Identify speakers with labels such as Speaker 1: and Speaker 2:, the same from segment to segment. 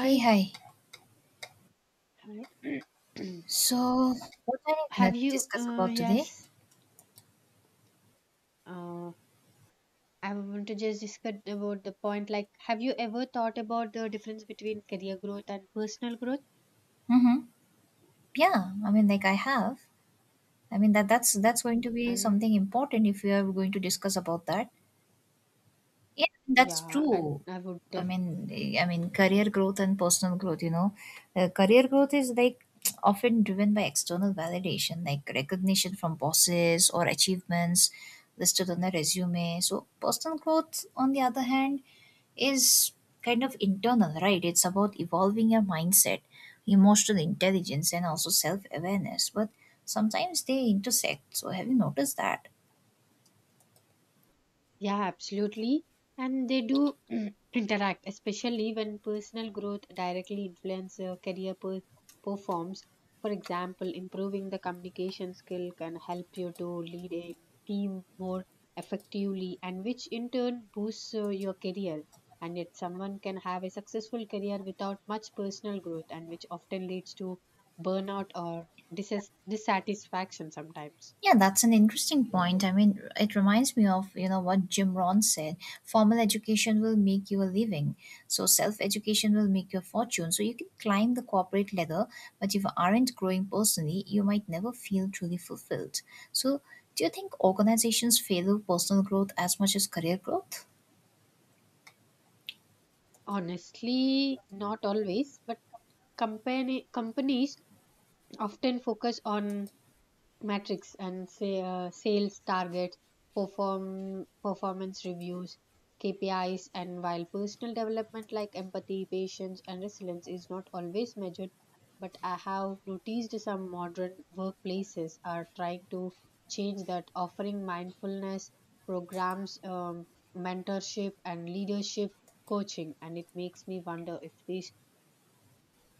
Speaker 1: Hey, hi.
Speaker 2: Hi.
Speaker 1: So, what are we gonna
Speaker 2: have you?
Speaker 1: discuss about today?
Speaker 2: Yes. Uh, I want to just discuss about the point. Like, have you ever thought about the difference between career growth and personal growth?
Speaker 1: Mm-hmm. Yeah, I mean, like I have. I mean that's going to be
Speaker 2: And
Speaker 1: something important if we are going to discuss about that. Yeah, that's
Speaker 2: yeah,
Speaker 1: true.
Speaker 2: I would
Speaker 1: I
Speaker 2: definitely.
Speaker 1: mean, I mean, career growth and personal growth. You know, career growth is like often driven by external validation, like recognition from bosses or achievements listed on a resume. So, personal growth, on the other hand, is kind of internal, right? It's about evolving your mindset, emotional intelligence, and also self awareness. But sometimes they intersect. So, have you noticed that?
Speaker 2: Yeah, absolutely. And they do interact, especially when personal growth directly influences your performs. For example, improving the communication skill can help you to lead a team more effectively, and which in turn boosts your career. And yet, someone can have a successful career without much personal growth, and which often leads to burnout or dissatisfaction sometimes.
Speaker 1: Yeah, that's an interesting point. I mean, it reminds me of, you know, what Jim Rohn said, formal education will make you a living. So self-education will make you a fortune. So you can climb the corporate ladder, but if you aren't growing personally, you might never feel truly fulfilled. So do you think organizations value personal growth as much as career growth?
Speaker 2: Honestly, not always, but Company companies often focus on metrics and say sales targets, performance reviews, KPIs, and while personal development like empathy, patience, and resilience is not always measured, but I have noticed some modern workplaces are trying to change that, offering mindfulness programs, mentorship, and leadership coaching, and it makes me wonder if these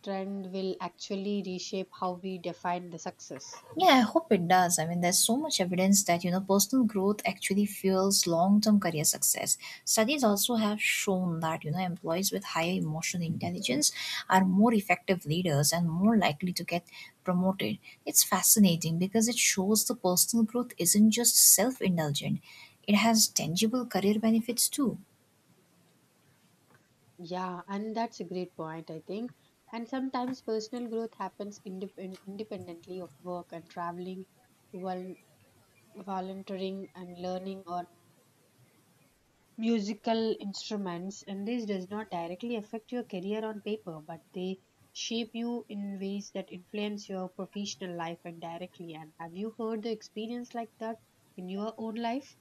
Speaker 2: trend will actually reshape how we define the success.
Speaker 1: Yeah, I hope it does. I mean, there's so much evidence that, you know, personal growth actually fuels long term career success. Studies also have shown that, you know, employees with higher emotional intelligence are more effective leaders and more likely to get promoted. It's fascinating because it shows the personal growth isn't just self indulgent, it has tangible career benefits too.
Speaker 2: Yeah, and that's a great point, I think. And sometimes personal growth happens independently of work and traveling, vol- volunteering, and learning on musical instruments. And this does not directly affect your career on paper, but they shape you in ways that influence your professional life indirectly. And have you heard the experience like that in your own life?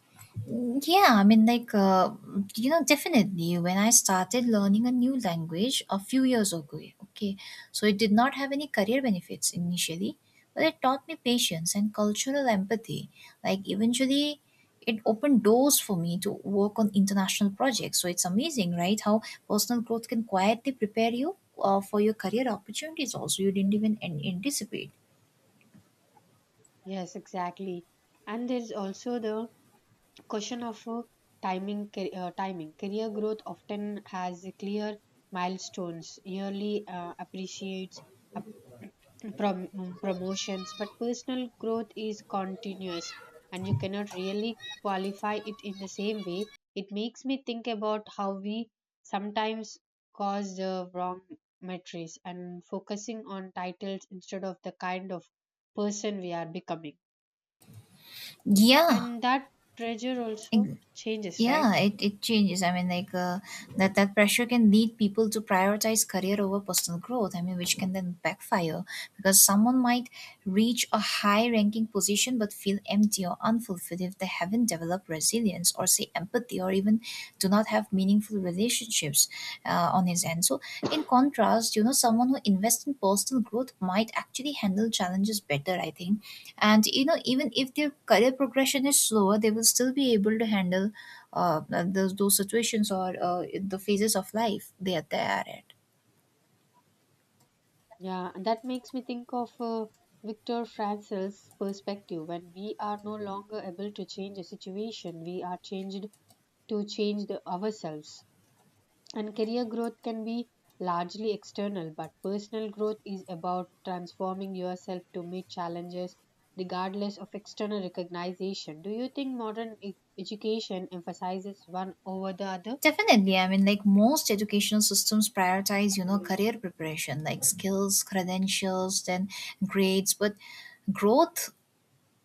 Speaker 1: Mm, yeah, I mean, like, you know, definitely when I started learning a new language a few years ago, okay, so it did not have any career benefits initially, but it taught me patience and cultural empathy. Like, eventually, it opened doors for me to work on international projects. So it's amazing, right? How personal growth can quietly prepare you for your career opportunities also you didn't even anticipate.
Speaker 2: Yes, exactly. And there is also the question of timing. Timing career growth often has clear milestones. Yearly appreciates up, promotions, but personal growth is continuous, and you cannot really qualify it in the same way. It makes me think about how we sometimes cause the wrong metrics and focusing on titles instead of the kind of person we are becoming.
Speaker 1: Yeah,
Speaker 2: And that pressure also
Speaker 1: ex-
Speaker 2: changes, right?
Speaker 1: yeah, it changes. I mean like, that pressure can lead people to prioritize career over personal growth, I mean, which can then backfire because someone might reach a high ranking position but feel empty or unfulfilled if they haven't developed resilience or say empathy, or even do not have meaningful relationships on his end. So in contrast, you know, someone who invests in personal growth might actually handle challenges better, I think. And you know, even if their career progression is slower, they will still be able to handle uh, those situations, or the phases of life they are at.
Speaker 2: Yeah, and that makes me think of Viktor Frankl's perspective. When we are no longer able to change a situation, we are changed to change the ourselves. And career growth can be largely external, but personal growth is about transforming yourself to meet challenges regardless of external recognition. Do you think modern education emphasizes one over the other?
Speaker 1: Definitely, I mean, like most educational systems prioritize, you know, career preparation, like skills, credentials, then grades, but growth,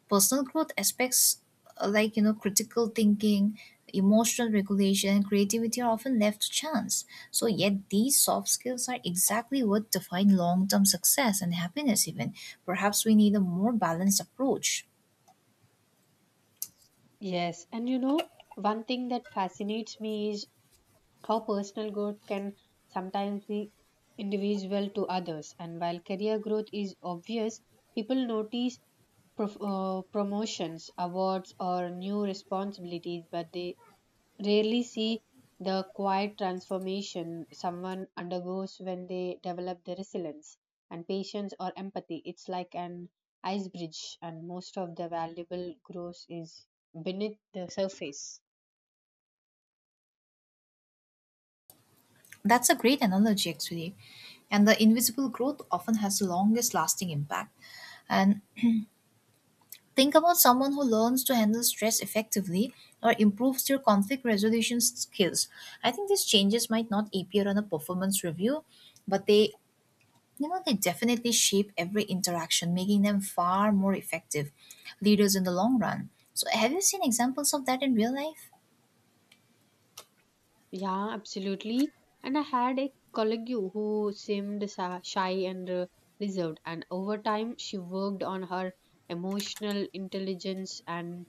Speaker 1: personal growth aspects like, you know, critical thinking, emotional regulation, and creativity are often left to chance. So yet these soft skills are exactly what define long-term success and happiness. Even perhaps we need a more balanced approach.
Speaker 2: Yes, and you know, one thing that fascinates me is how personal growth can sometimes be individual to others. And while career growth is obvious, people notice promotions, awards, or new responsibilities, but they rarely see the quiet transformation someone undergoes when they develop the resilience and patience or empathy. It's like an ice bridge, and most of the valuable growth is beneath the surface.
Speaker 1: That's a great analogy, actually. And the invisible growth often has the longest lasting impact. And think about someone who learns to handle stress effectively or improves their conflict resolution skills. I think these changes might not appear on a performance review, but they, you know, they definitely shape every interaction, making them far more effective leaders in the long run. So have you seen examples of that in real life?
Speaker 2: Yeah, absolutely. And I had a colleague who seemed shy and reserved, and over time, she worked on her emotional intelligence and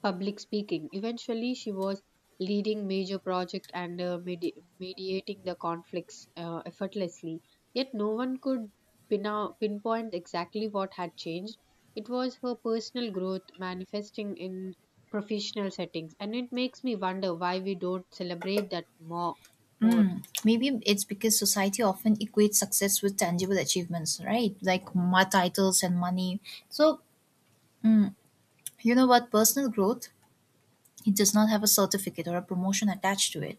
Speaker 2: public speaking. Eventually, she was leading major projects and mediating the conflicts effortlessly. Yet, no one could pinpoint exactly what had changed. It was her personal growth manifesting in professional settings, and it makes me wonder why we don't celebrate that more. More.
Speaker 1: Mm, maybe it's because society often equates success with tangible achievements, right? Like my titles and money. So, you know what? Personal growth, it does not have a certificate or a promotion attached to it.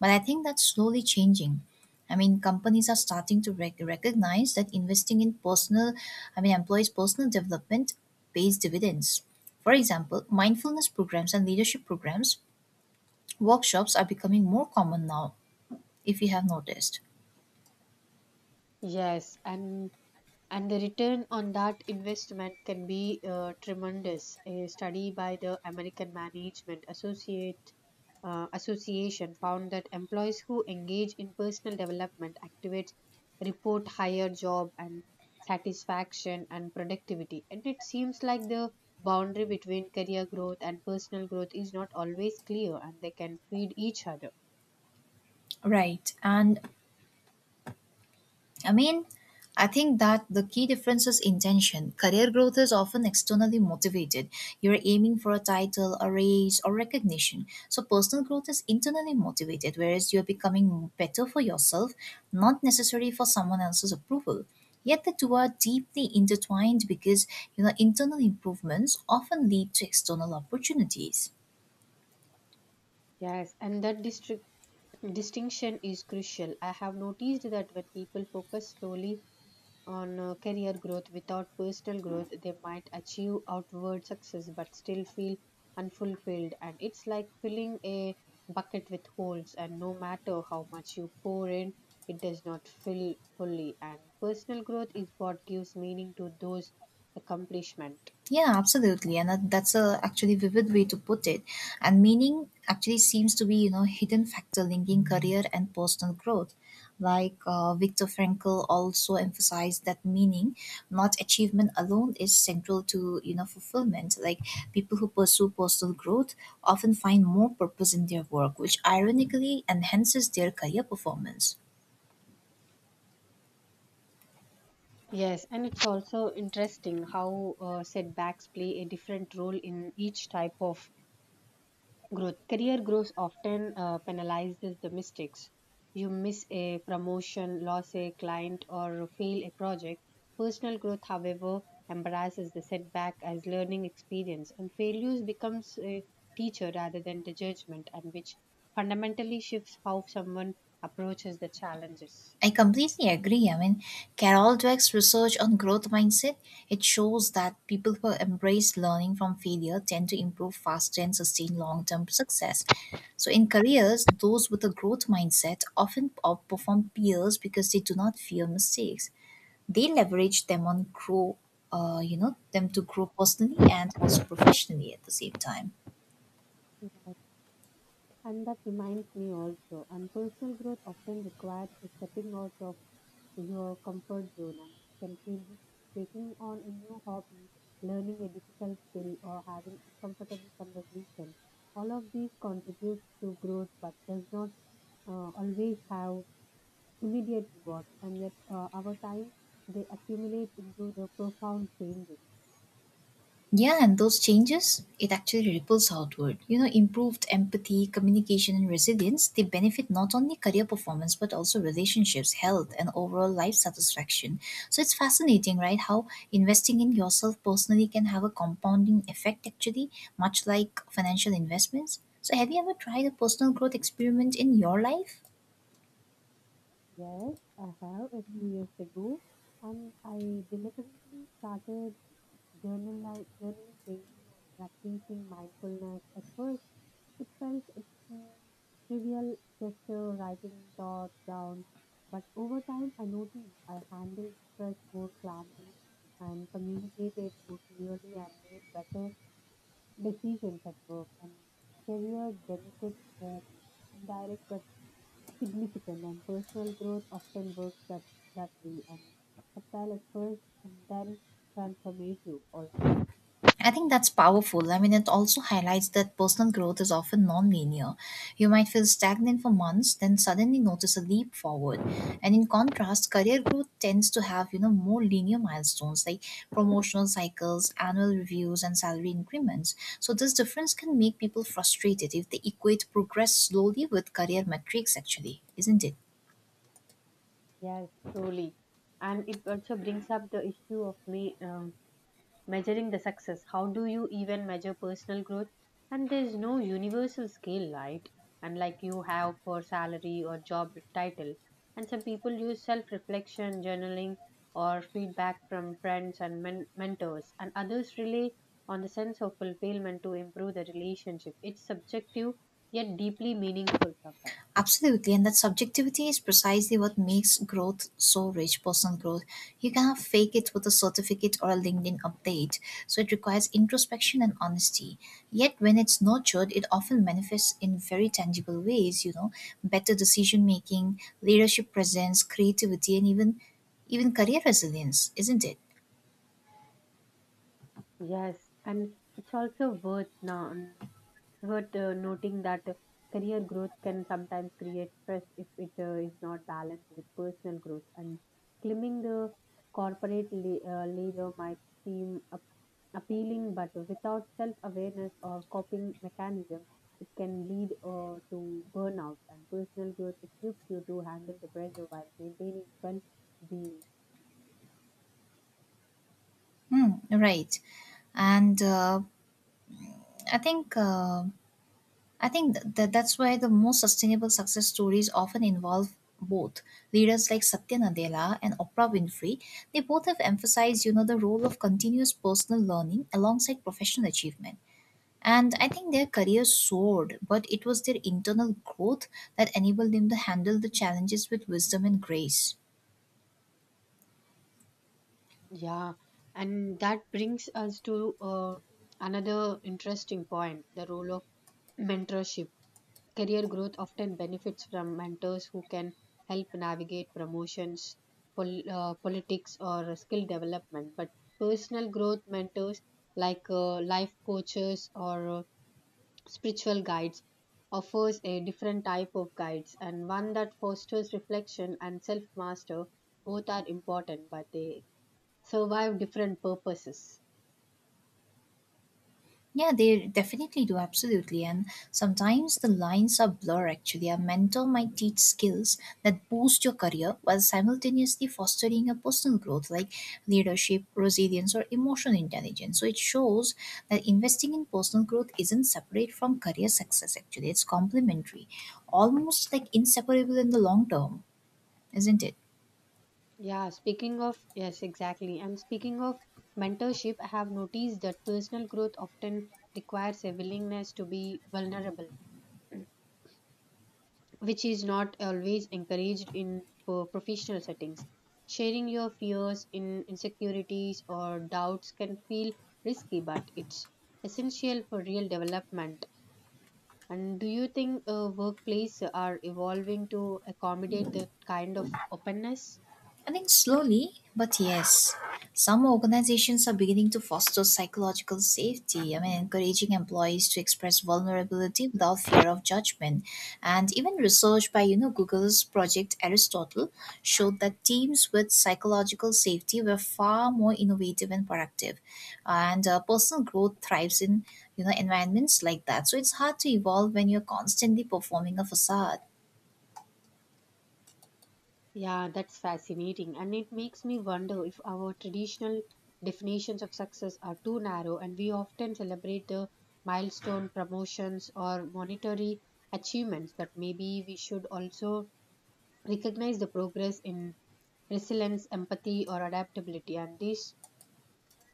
Speaker 1: But I think that's slowly changing. I mean, companies are starting to recognize that investing in personal, I mean, employees' personal development pays dividends. For example, mindfulness programs and leadership programs, workshops are becoming more common now, if you have noticed.
Speaker 2: Yes, and the return on that investment can be tremendous. A study by the American Management Associate Association found that employees who engage in personal development activities report higher job and satisfaction and productivity. And it seems like the boundary between career growth and personal growth is not always clear, and they can feed each other.
Speaker 1: Right. And I mean, I think that the key difference is intention. Career growth is often externally motivated. You're aiming for a title, a raise, or recognition. So personal growth is internally motivated, whereas you're becoming better for yourself, not necessarily for someone else's approval. Yet the two are deeply intertwined because, you know, internal improvements often lead to external opportunities.
Speaker 2: Yes, and that district distinction is crucial. I have noticed that when people focus solely on career growth without personal growth, they might achieve outward success but still feel unfulfilled. And it's like filling a bucket with holes, and no matter how much you pour in, it does not fill fully. And personal growth is what gives meaning to those accomplishments.
Speaker 1: Yeah, absolutely, and that's a actually vivid way to put it. And meaning actually seems to be, you know, hidden factor linking career and personal growth. Like, Viktor Frankl also emphasized that meaning, not achievement alone, is central to, you know, fulfillment. Like people who pursue personal growth often find more purpose in their work, which ironically enhances their career performance.
Speaker 2: Yes, and it's also interesting how setbacks play a different role in each type of growth. Career growth often penalizes the mistakes. You miss a promotion, lose a client, or fail a project. Personal growth, however, embraces the setback as learning experience, and failures becomes a teacher rather than the judgment, and which fundamentally shifts how someone approaches the challenges.
Speaker 1: I completely agree. I mean, Carol Dweck's research on growth mindset, it shows that people who embrace learning from failure tend to improve faster and sustain long-term success. So in careers, those with a growth mindset often outperform peers because they do not fear mistakes. They leverage them on grow, you know, them to grow personally and also professionally at the same time.
Speaker 2: Right. And that reminds me also, and personal growth often requires a stepping out of to your comfort zone, and it can feel this taking on a new hobby, learning a difficult skill, or having uncomfortable conversation. All of these contributes to growth but does not always have immediate reward. And yet over time they accumulate into the profound changes.
Speaker 1: Yeah, and those changes, it actually ripples outward. You know, improved empathy, communication, and resilience, they benefit not only career performance, but also relationships, health, and overall life satisfaction. So it's fascinating, right? How investing in yourself personally can have a compounding effect, actually, much like financial investments. So have you ever tried a personal growth experiment in your life?
Speaker 2: Yes, I have a few years ago, and I deliberately started journaling, journaling daily and practicing mindfulness. At first, it felt um, trivial, just writing thoughts down. But over time, I noticed I handled stress more calmly and communicated more clearly and made better decisions at work. And career benefits were indirect but significant, and personal growth often works that way. And subtle at first, and then transformative also.
Speaker 1: I think that's powerful. I mean, it also highlights that personal growth is often non-linear. You might feel stagnant for months, then suddenly notice a leap forward. And in contrast, career growth tends to have, you know, more linear milestones like promotional cycles, annual reviews, and salary increments. So this difference can make people frustrated if they equate progress slowly with career metrics, actually, isn't it?
Speaker 2: Yes, truly. And it also brings up the issue of me. Measuring the success. How do you even measure personal growth? And there's no universal scale, right? Unlike you have for salary or job title. And some people use self reflection, journaling, or feedback from friends and mentors, and others rely on the sense of fulfillment to improve the relationship. It's subjective yet deeply meaningful sometimes.
Speaker 1: Absolutely, and that subjectivity is precisely what makes growth so rich personal growth. You cannot fake it with a certificate or a LinkedIn update, so it requires introspection and honesty. Yet, when it's nurtured, it often manifests in very tangible ways, you know, better decision making, leadership presence, creativity, and even career resilience, isn't it?
Speaker 2: Yes, and it's also worth now. Hurt noting that career growth can sometimes create stress if it is not balanced with personal growth, and climbing the corporate leader might seem appealing but without self-awareness or coping mechanism, it can lead to burnout. And personal growth equips you to handle the pressure while maintaining well-being.
Speaker 1: Hmm, right. And I think. um I think that's why the most sustainable success stories often involve both leaders like Satya Nadella and Oprah Winfrey. They both have emphasized, you know, the role of continuous personal learning alongside professional achievement. And I think their careers soared, but it was their internal growth that enabled them to handle the challenges with wisdom and grace.
Speaker 2: Yeah, and that brings us to another interesting point, the role of mentorship. Career growth often benefits from mentors who can help navigate promotions, politics, or skill development. But personal growth mentors like life coaches or spiritual guides offers a different type of guides, and one that fosters reflection and self master. Both are important, but they serve different purposes.
Speaker 1: Yeah, they definitely do, absolutely. And sometimes the lines are blur actually. A mentor might teach skills that boost your career while simultaneously fostering a personal growth like leadership, resilience, or emotional intelligence. So it shows that investing in personal growth isn't separate from career success actually, it's complementary, almost like inseparable in the long term, isn't it?
Speaker 2: Yeah, speaking of, yes, exactly. And speaking of mentorship, I have noticed that personal growth often requires a willingness to be vulnerable, which is not always encouraged in professional settings. Sharing your fears, in insecurities, or doubts can feel risky, but it's essential for real development. And do you think workplaces are evolving to accommodate that kind of openness?
Speaker 1: I think slowly, but yes, some organizations are beginning to foster psychological safety. I mean, encouraging employees to express vulnerability without fear of judgment. And even research by, you know, Google's Project Aristotle showed that teams with psychological safety were far more innovative and productive. And personal growth thrives in, you know, environments like that. So it's hard to evolve when you're constantly performing a facade.
Speaker 2: Yeah, that's fascinating. And it makes me wonder if our traditional definitions of success are too narrow, and we often celebrate the milestone promotions or monetary achievements, but maybe we should also recognize the progress in resilience, empathy, or adaptability. And these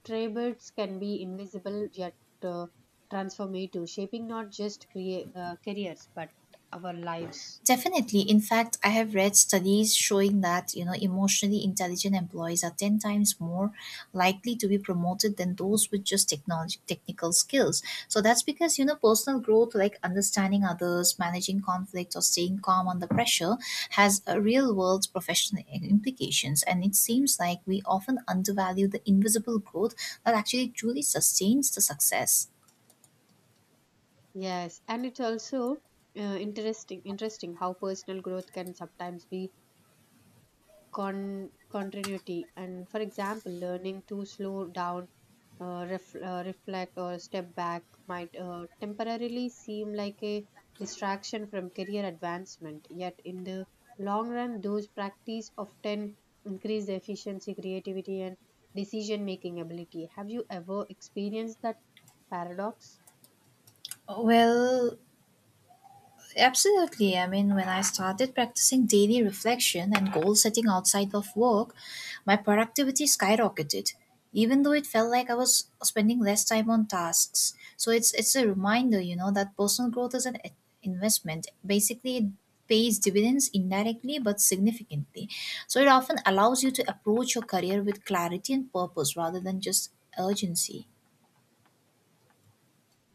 Speaker 2: traits can be invisible yet uh, transformative, shaping not just careers but our lives.
Speaker 1: Definitely. In fact, I have read studies showing that, you know, emotionally intelligent employees are 10 times more likely to be promoted than those with just technology technical skills. So that's because, you know, personal growth like understanding others, managing conflict, or staying calm under pressure has a real world professional implications. And it seems like we often undervalue the invisible growth that actually truly sustains the success.
Speaker 2: Yes, and it's also interesting how personal growth can sometimes be continuity. And for example, learning to slow down, reflect, or step back might temporarily seem like a distraction from career advancement. Yet in the long run, those practice often increase the efficiency, creativity, and decision making ability. Have you ever experienced that paradox?
Speaker 1: Well, absolutely. I mean, when I started practicing daily reflection and goal setting outside of work, my productivity skyrocketed, even though it felt like I was spending less time on tasks. So it's a reminder, you know, that personal growth is an investment. Basically, it pays dividends indirectly but significantly. So it often allows you to approach your career with clarity and purpose rather than just urgency.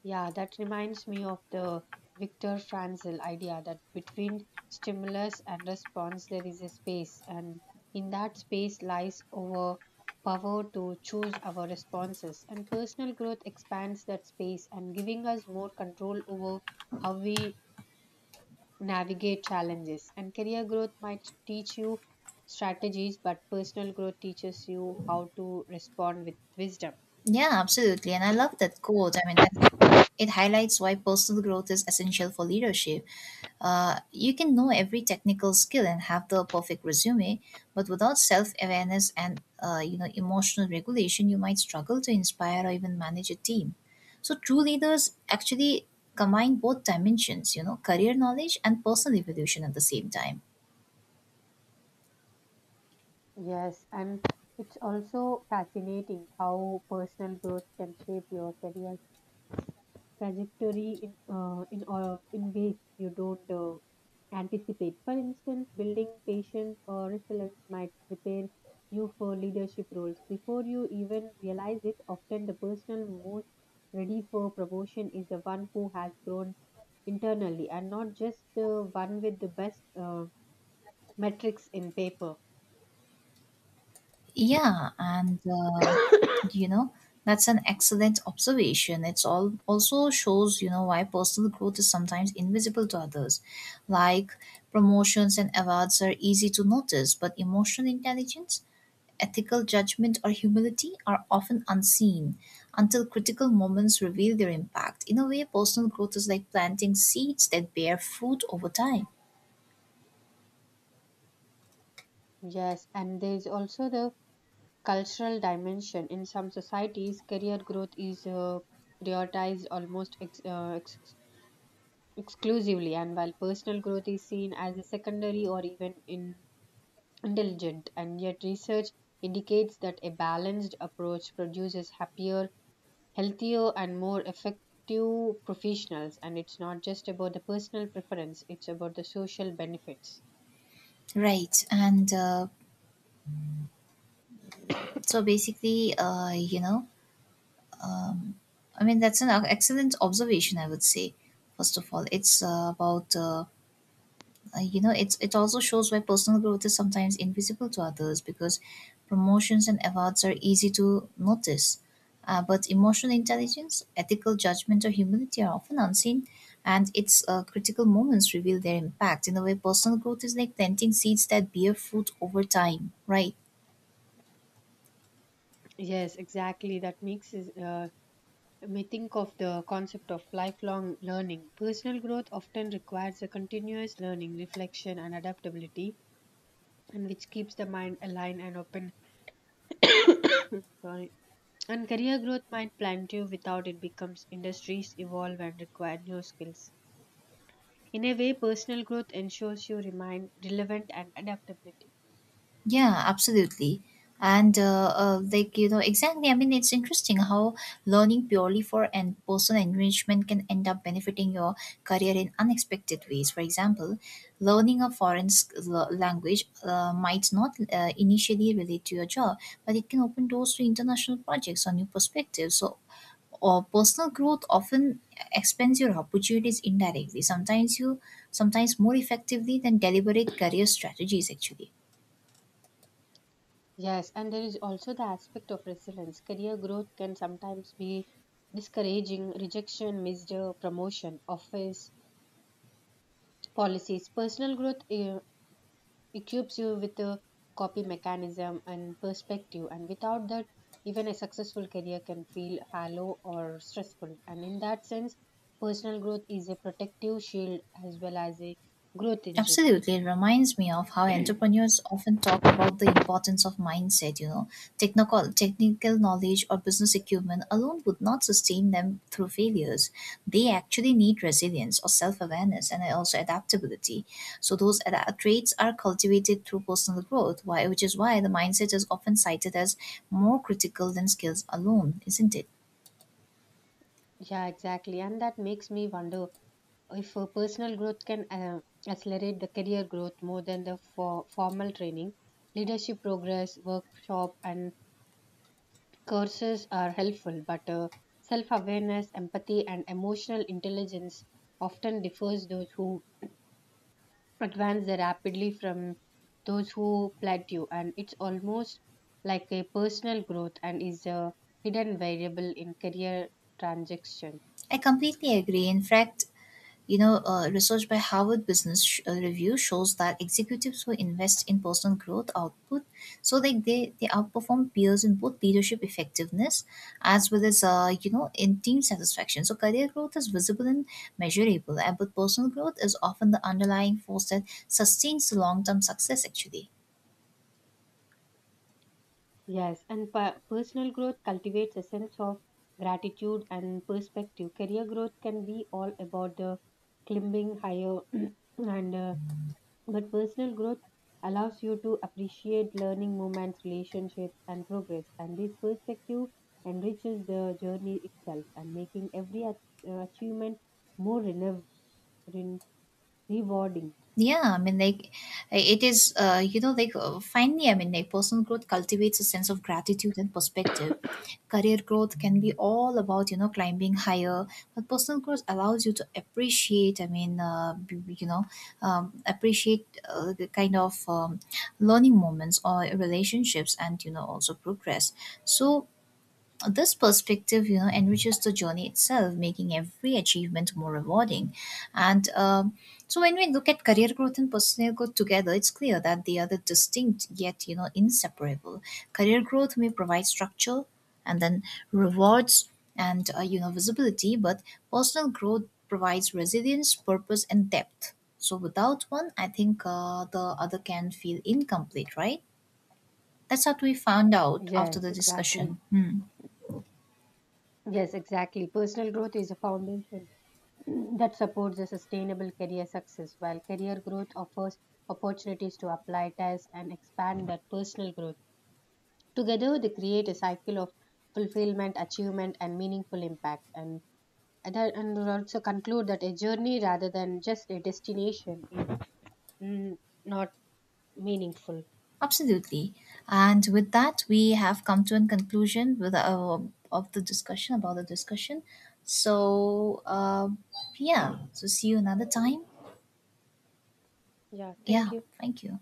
Speaker 2: Yeah, that reminds me of the Viktor Frankl idea that between stimulus and response there is a space, and in that space lies our power to choose our responses. And personal growth expands that space and giving us more control over how we navigate challenges. And career growth might teach you strategies, but personal growth teaches you how to respond with wisdom.
Speaker 1: Yeah, absolutely. And I love that quote. I mean, it highlights why personal growth is essential for leadership. You can know every technical skill and have the perfect resume, but without self-awareness and, you know, emotional regulation, you might struggle to inspire or even manage a team. So true leaders actually combine both dimensions, you know, career knowledge and personal evolution at the same time.
Speaker 2: Yes, and it's also fascinating how personal growth can shape your career trajectory in ways you don't anticipate. For instance, building patience or resilience might prepare you for leadership roles before you even realize it. Often, the person most ready for promotion is the one who has grown internally and not just the one with the best metrics in paper.
Speaker 1: Yeah, and you know, that's an excellent observation. It's all also shows, you know, why personal growth is sometimes invisible to others. Like promotions and awards are easy to notice, but emotional intelligence, ethical judgment, or humility are often unseen until critical moments reveal their impact. In a way, personal growth is like planting seeds that bear fruit over time.
Speaker 2: Yes, and there's also the cultural dimension. In some societies, career growth is prioritized almost exclusively, and while personal growth is seen as a secondary or even indulgent. And yet, research indicates that a balanced approach produces happier, healthier, and more effective professionals. And it's not just about the personal preference; it's about the social benefits.
Speaker 1: Right. And so basically, you know, Um, I mean, that's an excellent observation, I would say. First of all, it's about, you know, it's, it also shows why personal growth is sometimes invisible to others because promotions and awards are easy to notice. But emotional intelligence, ethical judgment, or humility are often unseen, and its critical moments reveal their impact. In a way, personal growth is like planting seeds that bear fruit over time, right?
Speaker 2: Yes, exactly. That makes may think of the concept of lifelong learning. Personal growth often requires a continuous learning, reflection, and adaptability, and which keeps the mind aligned and open. Sorry. And career growth might plant you without it becomes industries evolve and require new skills. In a way, personal growth ensures you remain relevant and adaptability.
Speaker 1: Yeah, absolutely. And like, you know, exactly. I mean, it's interesting how learning purely for and personal enrichment can end up benefiting your career in unexpected ways. For example, learning a foreign language might not initially relate to your job, but it can open doors to international projects or new perspectives. So, or personal growth often expands your opportunities indirectly. Sometimes more effectively than deliberate career strategies. Actually.
Speaker 2: Yes, and there is also the aspect of resilience. Career growth can sometimes be discouraging, rejection, misdemeanor, promotion, office policies. Personal growth equips you with a copy mechanism and perspective, and without that, even a successful career can feel hollow or stressful. And in that sense, personal growth is a protective shield as well as a growth engine.
Speaker 1: Absolutely. It reminds me of how entrepreneurs often talk about the importance of mindset, you know, technical knowledge or business acumen alone would not sustain them through failures. They actually need resilience or self-awareness and also adaptability. So those traits are cultivated through personal growth, why which is why the mindset is often cited as more critical than skills alone, isn't it?
Speaker 2: Yeah, exactly. And that makes me wonder if personal growth can accelerate the career growth more than the formal training, leadership progress, workshop, and courses are helpful, but self awareness, empathy, and emotional intelligence often differs those who advance rapidly from those who plateau, and it's almost like a personal growth and is a hidden variable in career transaction.
Speaker 1: I completely agree. In fact, you know, research by Harvard Business Review shows that executives who invest in personal growth output, so like they outperform peers in both leadership effectiveness as well as, you know, in team satisfaction. So career growth is visible and measurable, and but personal growth is often the underlying force that sustains the long term success. Actually.
Speaker 2: Yes, and personal growth cultivates a sense of gratitude and perspective. Career growth can be all about the climbing higher and But personal growth allows you to appreciate learning moments, relationships, and progress. And this perspective enriches the journey itself and making every achievement more ren- rewarding.
Speaker 1: Yeah, I mean, like it is, you know, like, finally, I mean, like personal growth cultivates a sense of gratitude and perspective. Career growth can be all about, you know, climbing higher, but personal growth allows you to appreciate, you know, appreciate the kind of learning moments or relationships, and, you know, also progress. So this perspective, you know, enriches the journey itself, making every achievement more rewarding. And so when we look at career growth and personal growth together, it's clear that they are the distinct yet, you know, inseparable. Career growth may provide structure and then rewards and, you know, visibility, but personal growth provides resilience, purpose, and depth. So without one, I think, the other can feel incomplete, right? That's what we found out after
Speaker 2: Yes,
Speaker 1: the
Speaker 2: exactly.
Speaker 1: discussion. Hmm.
Speaker 2: Yes, exactly. Personal growth is a foundation that supports a sustainable career success, while career growth offers opportunities to apply, test, and expand that personal growth. Together, they create a cycle of fulfillment, achievement, and meaningful impact. And and would also conclude that a journey rather than just a destination is mm, not meaningful.
Speaker 1: Absolutely. And with that, we have come to a conclusion with, of the discussion about the discussion. So, yeah. So, see you another time.
Speaker 2: Yeah, thank
Speaker 1: Yeah.
Speaker 2: you.
Speaker 1: Thank you.